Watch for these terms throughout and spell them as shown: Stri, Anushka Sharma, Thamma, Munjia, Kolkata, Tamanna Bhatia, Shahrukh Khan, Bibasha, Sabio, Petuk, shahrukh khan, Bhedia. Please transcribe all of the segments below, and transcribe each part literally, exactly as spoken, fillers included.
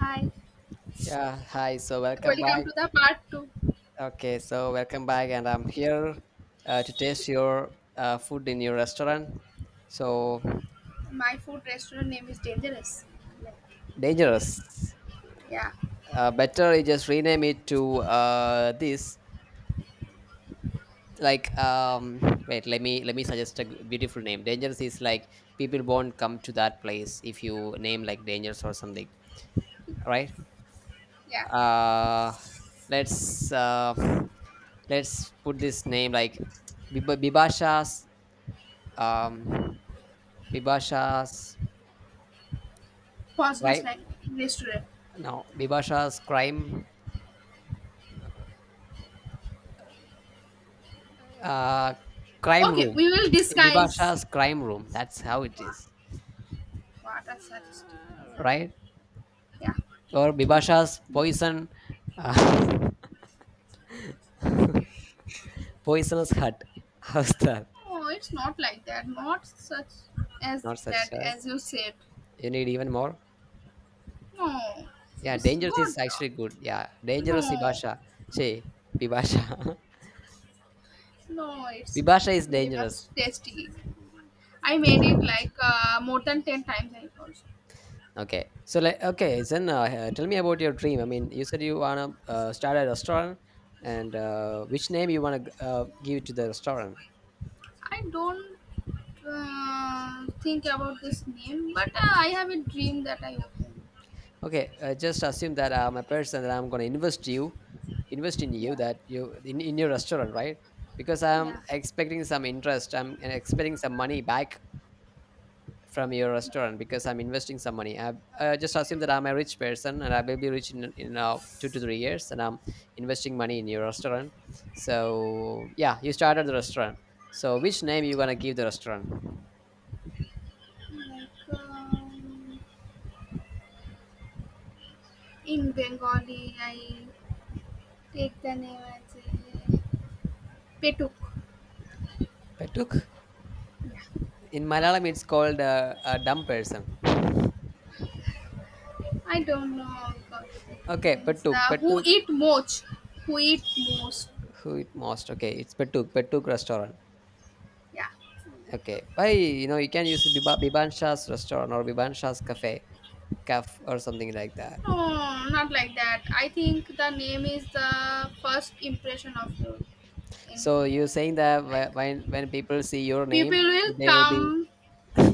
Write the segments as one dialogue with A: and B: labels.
A: Hi,
B: Yeah, hi. So welcome
A: welcome
B: back.
A: to the part two.
B: Okay, so welcome back, and I'm here uh, to taste your uh, food in your restaurant. So
A: My food restaurant name is Dangerous. Like,
B: dangerous.
A: yeah,
B: Uh, better you just rename it to uh, this. Like, um, Wait. Let me let me suggest a g- beautiful name. Dangerous is like people won't come to that place if you name like dangerous or something, right?
A: yeah.
B: Uh, let's uh, let's put this name like Bib- Bibasha's. Um, Bibasha's
A: Poisonous
B: crime,
A: like restaurant.
B: no, Bibasha's crime uh crime
A: Okay,
B: room.
A: we will disguise.
B: Bibasha's crime room. That's how it
A: Wow,
B: is.
A: what a sadistic name.
B: Right?
A: Yeah,
B: Or
A: okay.
B: Bibasha's poison, uh, poisonous hut. How's that?
A: Oh, it's not like that. Not such as
B: Not such
A: bad
B: a,
A: as you said.
B: you need even more?
A: No,
B: Yeah,
A: it's
B: dangerous is
A: good.
B: actually good. Yeah.
A: No,
B: Dangerous Bibasha. Say Bibasha.
A: no, it's
B: Bibasha is
A: very
B: dangerous.
A: much tasty. I made it like uh, more than ten times, I also.
B: Okay. So like okay, then uh, uh, tell me about your dream. I mean, you said you wanna uh, start a restaurant, and uh, which name you wanna g- uh, give to the restaurant?
A: I don't uh, think about this name, but uh, I have a dream that I open.
B: Okay, uh, just assume that I'm a person that I'm gonna invest you, invest in you
A: Yeah,
B: that you in, in your restaurant, right? Because I'm
A: yeah,
B: expecting some interest. I'm expecting some money back from your
A: yeah.
B: restaurant because I'm investing some money. I, I just assume that I'm a rich person and I will be rich in, in uh, two to three years and I'm investing money in your restaurant. So yeah, you started the restaurant. So which name you gonna give the restaurant?
A: Like um, in Bengali, I take the name as uh, Petuk.
B: Petuk.
A: Yeah.
B: In Malayalam, it's called uh, a dumb person.
A: I don't know about Petuk
B: Okay,
A: means
B: Petuk.
A: the who
B: Petuk.
A: eat most, who eat most.
B: Who it most? Okay, it's Petuk. Petuk restaurant.
A: Yeah.
B: Okay, why you know you can use Biba, Biban Shah's restaurant or Biban Shah's cafe, caf or something like that.
A: No, not like that. I think the name is the first impression of you.
B: So
A: Anything
B: you're saying that
A: like
B: wh- when when people see your
A: people
B: name,
A: will
B: they will be,
A: come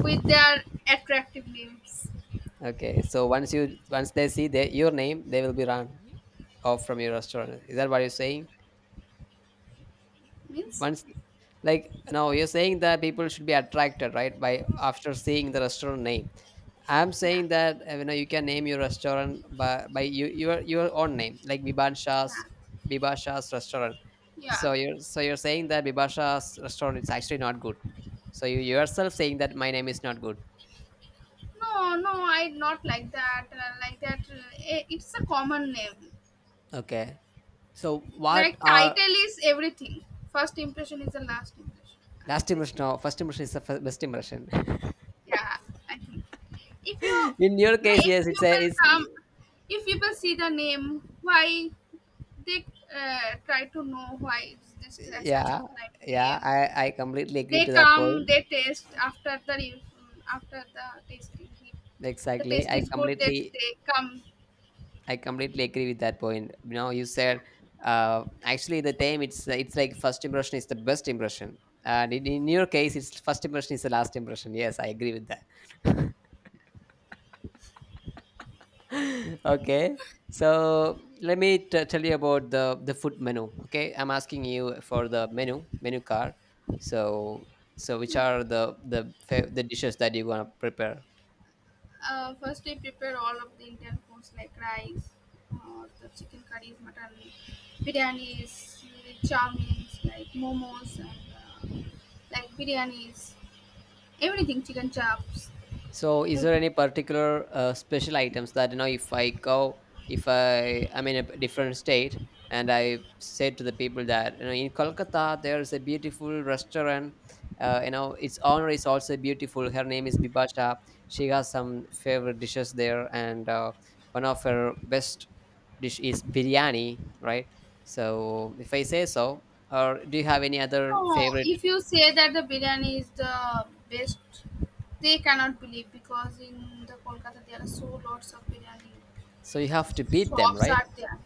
A: with their attractive names
B: okay. So once you once they see the, your name, they will be run off from your restaurant. Is that what you're saying?
A: means
B: Once, like, no, you're saying that people should be attracted, right? By after seeing the restaurant name. I'm
A: yeah,
B: saying that uh, you know you can name your restaurant by by you, your your own name like Bibasha's,
A: yeah,
B: Bibasha's restaurant.
A: yeah.
B: So you're, so you're saying that Bibasha's restaurant is actually not good. So you yourself saying that my name is not good.
A: No no I not like that uh, like that uh, eh, it's a common name.
B: Okay. So what
A: Like
B: are,
A: title is everything. First impression is the last impression and the
B: last
A: best
B: impression or first
A: impression.
B: impression is the fir- best impression.
A: Yeah, I think if you,
B: In your case,
A: like, if
B: yes, it's a
A: people
B: it's,
A: come, if people see the name, why they uh, try to know why it's this such
B: yeah,
A: a like
B: yeah,
A: name.
B: I I completely agree
A: They
B: to that
A: come,
B: point.
A: they taste after the re- after the tasting. If the
B: Exactly,
A: taste
B: I
A: is good, then
B: completely
A: they come.
B: I completely agree with that point. You know, you
A: Yeah.
B: said, uh, actually the time, it's it's like first impression is the best impression, and in, in your case, it's first impression is the last impression. Yes, I agree with that. Okay, so let me t- tell you about the the food menu. Okay, I'm asking you for the menu menu card. So, so which are the the fa- the dishes that you want to prepare?
A: Uh, first, we prepare all of the Indian foods like rice, or the chicken curries, mutton, biryanis, chowmins, like momos, and uh, like biryanis, everything, chicken chops.
B: So, is
A: Mm.
B: there any particular uh, special items that, you know, if I go, if I I'm in a different state and I say to the people that you know in Kolkata there's a beautiful restaurant. Uh, you know, its owner is also beautiful. Her name is Bibasha. She has some favorite dishes there, and uh, one of her best dish is biryani, right? So, if I say so, or do you have any other
A: No,
B: favorite?
A: if you say that the biryani is the best, they cannot believe because in the Kolkata there are so lots of biryani
B: So you have to beat them,
A: shops
B: right?
A: are there.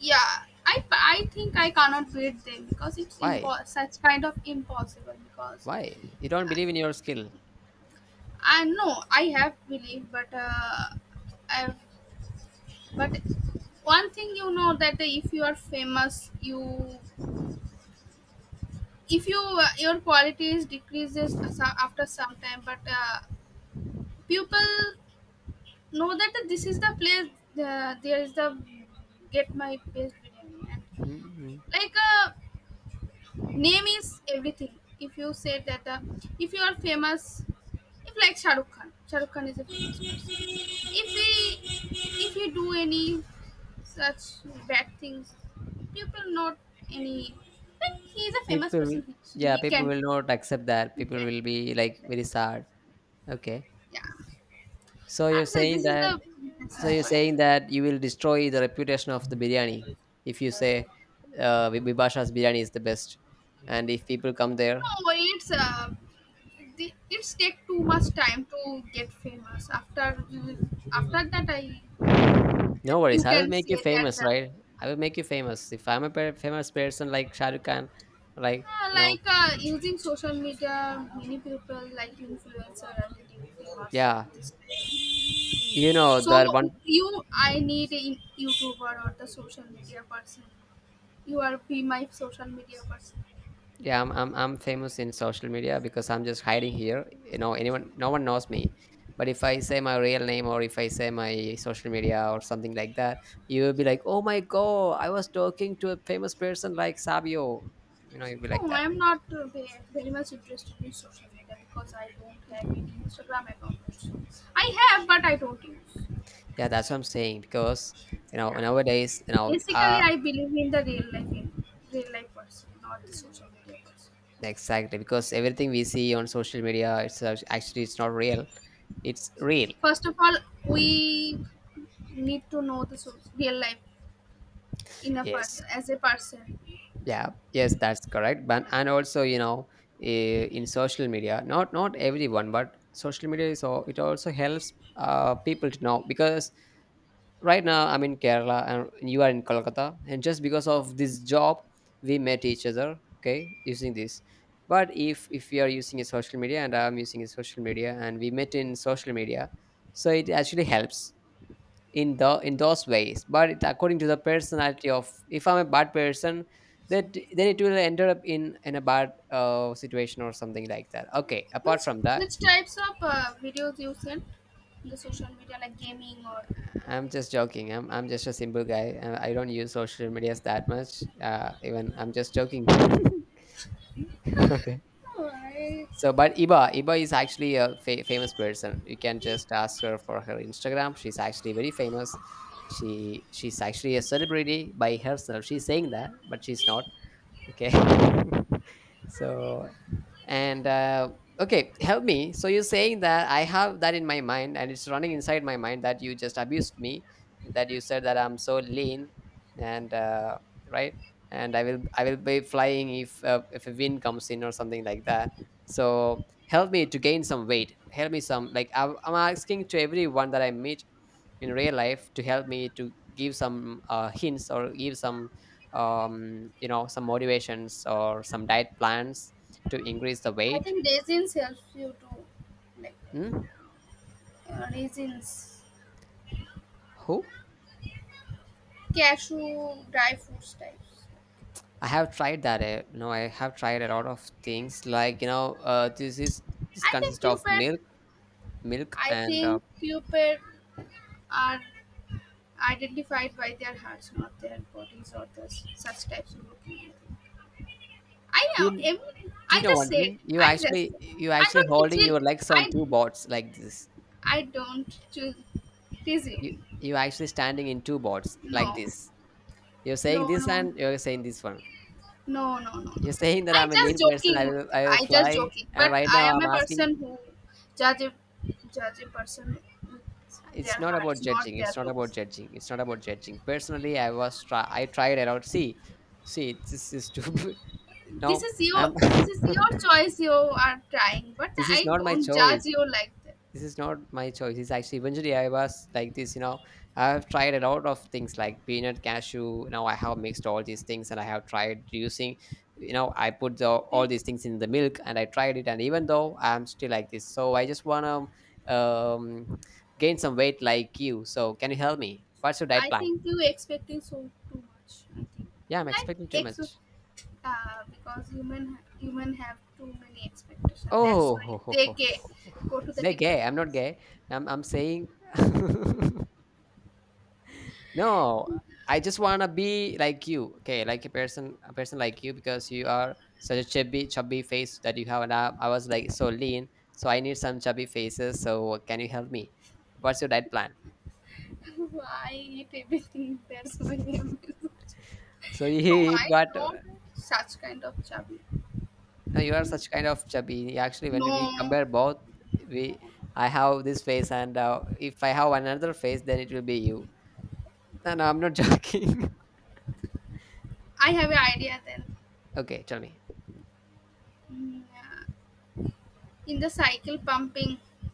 A: Yeah, I, I think I cannot beat them because it's
B: Why?
A: impo- such kind of impossible because
B: Why? You don't believe in your skill.
A: I know I have belief, but uh, I but one thing you know that if you are famous, you if you uh, your qualities decreases so- after some time, but uh, people know that this is the place uh, there is the get my place biryani and
B: Mhm.
A: like uh, name is everything. If you say that uh, if you are famous, if like shahrukh khan shahrukh khan is a famous person. if he if he do any such bad things people not any but he is a famous
B: People,
A: person he,
B: yeah,
A: he
B: people
A: can
B: will
A: do,
B: not accept that.
A: he
B: People will
A: can
B: be like
A: accept
B: very
A: that.
B: sad. Okay,
A: Yeah,
B: so you're
A: and so
B: saying
A: this is
B: that.
A: the, this
B: So
A: is
B: you're
A: why
B: saying that you will destroy the reputation of the biryani if you say, uh, Bi- Bibasha's biryani is the best, and if people come there,
A: no it's uh it it's take too much time to get famous after after that i,
B: no worries.
A: you
B: I will
A: can
B: make you
A: say that
B: famous,
A: the,
B: right? I will make you famous. If I'm a per- famous person like Shahrukh Khan, like,
A: Uh,
B: you know,
A: like uh, using social media, many people like influencer and T V famous.
B: yeah, you know
A: So
B: that one.
A: you, I need a YouTuber or the social media person. You are be my social media person.
B: Yeah, I'm, I'm I'm famous in social media because I'm just hiding here. You know, anyone, no one knows me. But if I say my real name or if I say my social media or something like that, you will be like, "Oh my god, I was talking to a famous person like Sabio." You know, you'll be like
A: No, I
B: that.
A: am not uh, ve- very much interested in social media because I don't have any Instagram account. Also, I have, but I don't use.
B: Yeah, that's what I'm saying because you know
A: Yeah,
B: nowadays, you know,
A: basically,
B: uh
A: I believe in the real life, in real life person, not the social media person.
B: exactly because everything we see on social media, it's uh, actually it's not real. It's real.
A: First of all, we need to know the source, real life in a part
B: Yes.
A: as a person.
B: Yeah, yes, that's correct. But and also, you know, eh, in social media, not not everyone, but social media is all, it also helps uh, people to know because right now I'm in Kerala and you are in Kolkata, and just because of this job, we met each other. Okay, using this. But if if you are using a social media and I'm using a social media and we met in social media, so it actually helps in the in those ways, but it, according to the personality of, if I'm a bad person that then it will end up in in a bad uh, situation or something like that. Okay, apart
A: Which
B: from that,
A: which types of uh, videos you send in the social media like gaming or?
B: i'm just joking i'm, I'm just a simple guy, uh, I don't use social medias that much, uh, even I'm just joking. Okay,
A: No, I
B: so but iba iba is actually a fa- famous person. You can just ask her for her Instagram. She's actually very famous. She she's actually a celebrity by herself. She's saying that but she's not. Okay. So and, uh, okay, help me. So you're saying that I have that in my mind and it's running inside my mind that you just abused me, that you said that I'm so lean and, uh, right, and I will I will be flying if, uh, if a wind comes in or something like that. So help me to gain some weight. Help me some, like, I'm I'm asking to everyone that I meet in real life to help me to give some, uh, hints or give some, um, you know, some motivations or some diet plans to increase the
A: I
B: weight.
A: think raisins helps you to like that.
B: Hmm?
A: Uh, raisins,
B: Who?
A: cashew, dry fruits types.
B: I have tried that. eh, You know, I have tried a lot of things, like, you know, uh, this is, this
A: I think
B: consists of
A: Cupid.
B: milk, milk,
A: I
B: and, uh,
A: think Cupid are identified by their hearts, not their bodies or the, such types of looking. I
B: do
A: know.
B: you,
A: If,
B: do you
A: I
B: know
A: just
B: one
A: said.
B: thing? You
A: I just.
B: actually, you
A: I
B: actually
A: don't
B: holding
A: teach it.
B: your legs on
A: I.
B: two boards like this.
A: I don't choose teach it.
B: You you actually standing in two boards like
A: No.
B: this. You're
A: No.
B: saying this
A: No.
B: and you're saying this one.
A: No. No. No. No.
B: You're saying that
A: I
B: I'm a
A: just
B: lean person.
A: joking
B: I
A: with
B: will
A: you.
B: I will
A: I just
B: fly.
A: joking.
B: And
A: But
B: right
A: I
B: now
A: am
B: I'm
A: a person
B: asking,
A: who judge a, judge a person with their
B: it's not about
A: hearts, not
B: judging,
A: their
B: it's not about
A: looks.
B: judging, it's not about judging personally. I was try I tried it out. See, see this is too.
A: This
B: No,
A: is your,
B: I'm
A: this is your choice. You are trying, but
B: this is
A: I
B: not my
A: don't
B: choice.
A: judge you like that.
B: This is not my choice. It's actually, eventually I was like this, you know. I have tried a lot of things like peanut, cashew. Now I have mixed all these things and I have tried using, you know, I put the, all
A: You-
B: these things in the milk and I tried it and even though I'm still like this. So I just want to, um, gain some weight like you. So can you help me? What's your diet
A: I
B: plan?
A: think you expecting so too much. I think
B: Yeah, I'm
A: like
B: expecting too much.
A: expect uh, because human human have too many expectations. That's why they
B: Oh,
A: get, go to the
B: they're gay,
A: depression.
B: I'm not gay.
A: I
B: i'm, I'm saying. No, I just wanna be like you. Okay, like a person, a person like you, because you are such a chubby, chubby face that you have. And I, I was like so lean, so I need some chubby faces. So can you help me? What's your diet plan?
A: think. I eat everything. That's why I'm.
B: So, you eat
A: Why
B: what?
A: not such kind of job?
B: No, you are such kind of chubby. Actually, when we
A: No,
B: compare both, we, I have this face, and uh, if I have another face, then it will be you. No, no, I'm not joking.
A: I have an idea then.
B: Okay, tell me.
A: Mm, yeah. In the cycle pumping.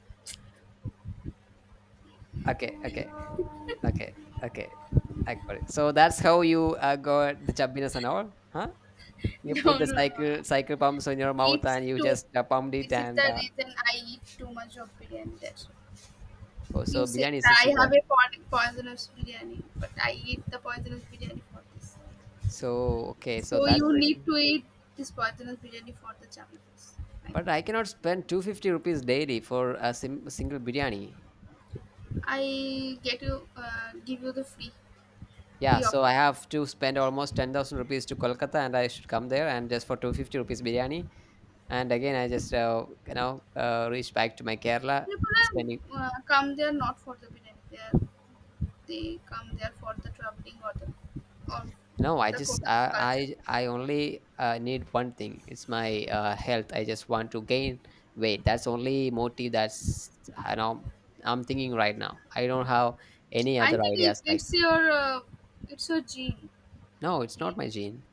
B: Okay, okay, okay, okay. I got it. So that's how you uh, got the chubbiness and all, huh? You put
A: No,
B: the
A: no, no.
B: cycle cycle pumps on your mouth
A: It's
B: and you
A: too.
B: just uh, pumped it
A: This is
B: and,
A: the
B: uh,
A: reason I eat too much of biryani. That's why.
B: oh,
A: You
B: so
A: said
B: biryani is a
A: I have
B: secret.
A: a po- poisonous biryani, but I eat the poisonous biryani for this.
B: So, okay, so
A: So
B: that's
A: you need to
B: reason.
A: eat this poisonous biryani for the channel first. I think.
B: But I cannot spend two hundred fifty rupees daily for a sim- single biryani.
A: I get you uh, give you the free
B: Yeah,
A: free
B: so I
A: offer.
B: have to spend almost ten thousand rupees to Kolkata and I should come there and just for two hundred fifty rupees biryani. And again, I just, uh, you know, uh, reach back to my Kerala
A: People
B: spending.
A: are, uh, come there not for the biryani. They are, they come there for the traveling or the or
B: No, I
A: the
B: just
A: Kolkata culture.
B: I I, I only uh, need one thing. It's my uh, health. I just want to gain weight. That's only motive. That's, I know, I'm thinking right now. I don't have any
A: I
B: other
A: think it,
B: ideas. Like,
A: it's your uh, it's your gene
B: no, it's not
A: D N A.
B: my gene.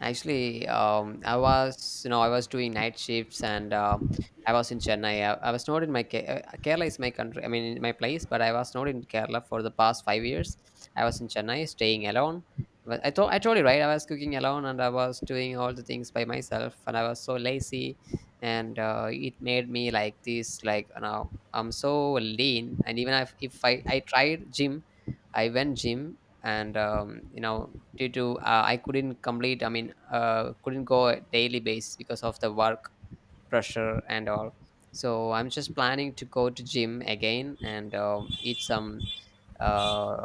B: Actually, um, I was, you know, I was doing night shifts and, uh, I was in Chennai. I, I was not in my, Ke- uh, Kerala is my country. I mean, in my place, but I was not in Kerala for the past five years. I was in Chennai, staying alone. But I thought I told you right. I was cooking alone and I was doing all the things by myself, and I was so lazy, and, uh, it made me like this. Like, you know, I'm so lean, and even if, if I I tried gym, I went gym and, um, you know, due to, uh, I couldn't complete. I mean uh, couldn't go a daily basis because of the work pressure and all. So I'm just planning to go to gym again and, um, eat some, uh,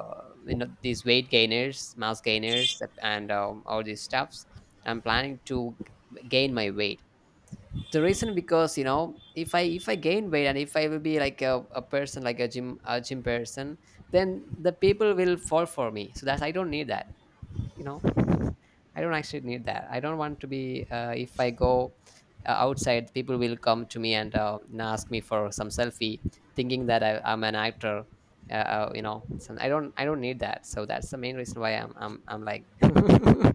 B: you know, these weight gainers, mass gainers and, um, all these stuffs. I'm planning to gain my weight. The reason, because you know, if i if I gain weight and if I will be like a, a person like a gym a gym person, then the people will fall for me so that I don't need that. You know, I don't actually need that. I don't want to be, uh, if I go, uh, outside, people will come to me and, uh, and ask me for some selfie thinking that, I, I'm an actor. Uh, uh, you know, so I don't, I don't need that. So that's the main reason why, i'm i'm, I'm like.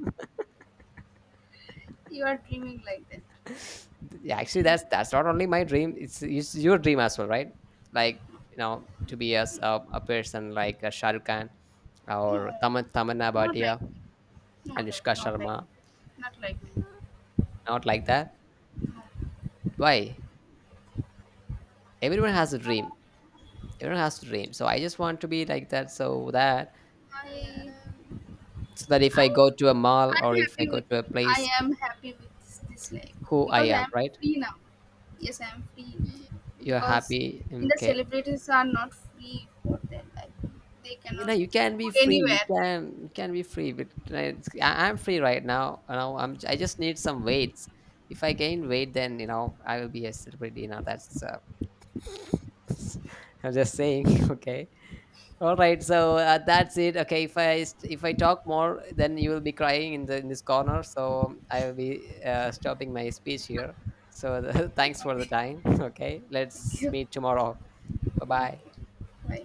A: You are dreaming like that. I think
B: Yeah,
A: you are
B: actually, that's,
A: dreaming.
B: that's not only my dream. It's, it's your dream as well, right? Like, you know, to be as a, a person like, uh, Shah Rukh Khan
A: No,
B: or Taman Tamanna
A: not like,
B: Bhatia,
A: no,
B: Anushka
A: like, not like,
B: Sharma,
A: not like,
B: not like that.
A: no.
B: Why? Everyone has a dream. Everyone has a dream. So I just want to be like that, so that,
A: I,
B: so that if I
A: I,
B: go to a mall or
A: I'm
B: if I
A: happy
B: go
A: with,
B: to a place,
A: I am happy with this, this life
B: who I
A: because I
B: am,
A: am
B: right?
A: free now. Yes, I am free
B: You're
A: because
B: happy.
A: in the
B: Okay.
A: celebrities are not free for their life. They
B: You
A: cannot
B: know you can
A: go
B: be free, you
A: anywhere.
B: can you can be free, but right, I- I'm free right now. You know, I'm, I just need some weights. If I gain weight then, you know, I will be a celebrity. Now that's, uh, I'm just saying. Okay, all right. So, uh, that's it. Okay, if I st- if I talk more then you will be crying in the in this corner. So I will be, uh, stopping my speech here. So, thanks for the
A: Okay,
B: time. Okay,
A: thank
B: let's
A: you.
B: meet tomorrow. Bye
A: Okay,
B: bye.
A: bye.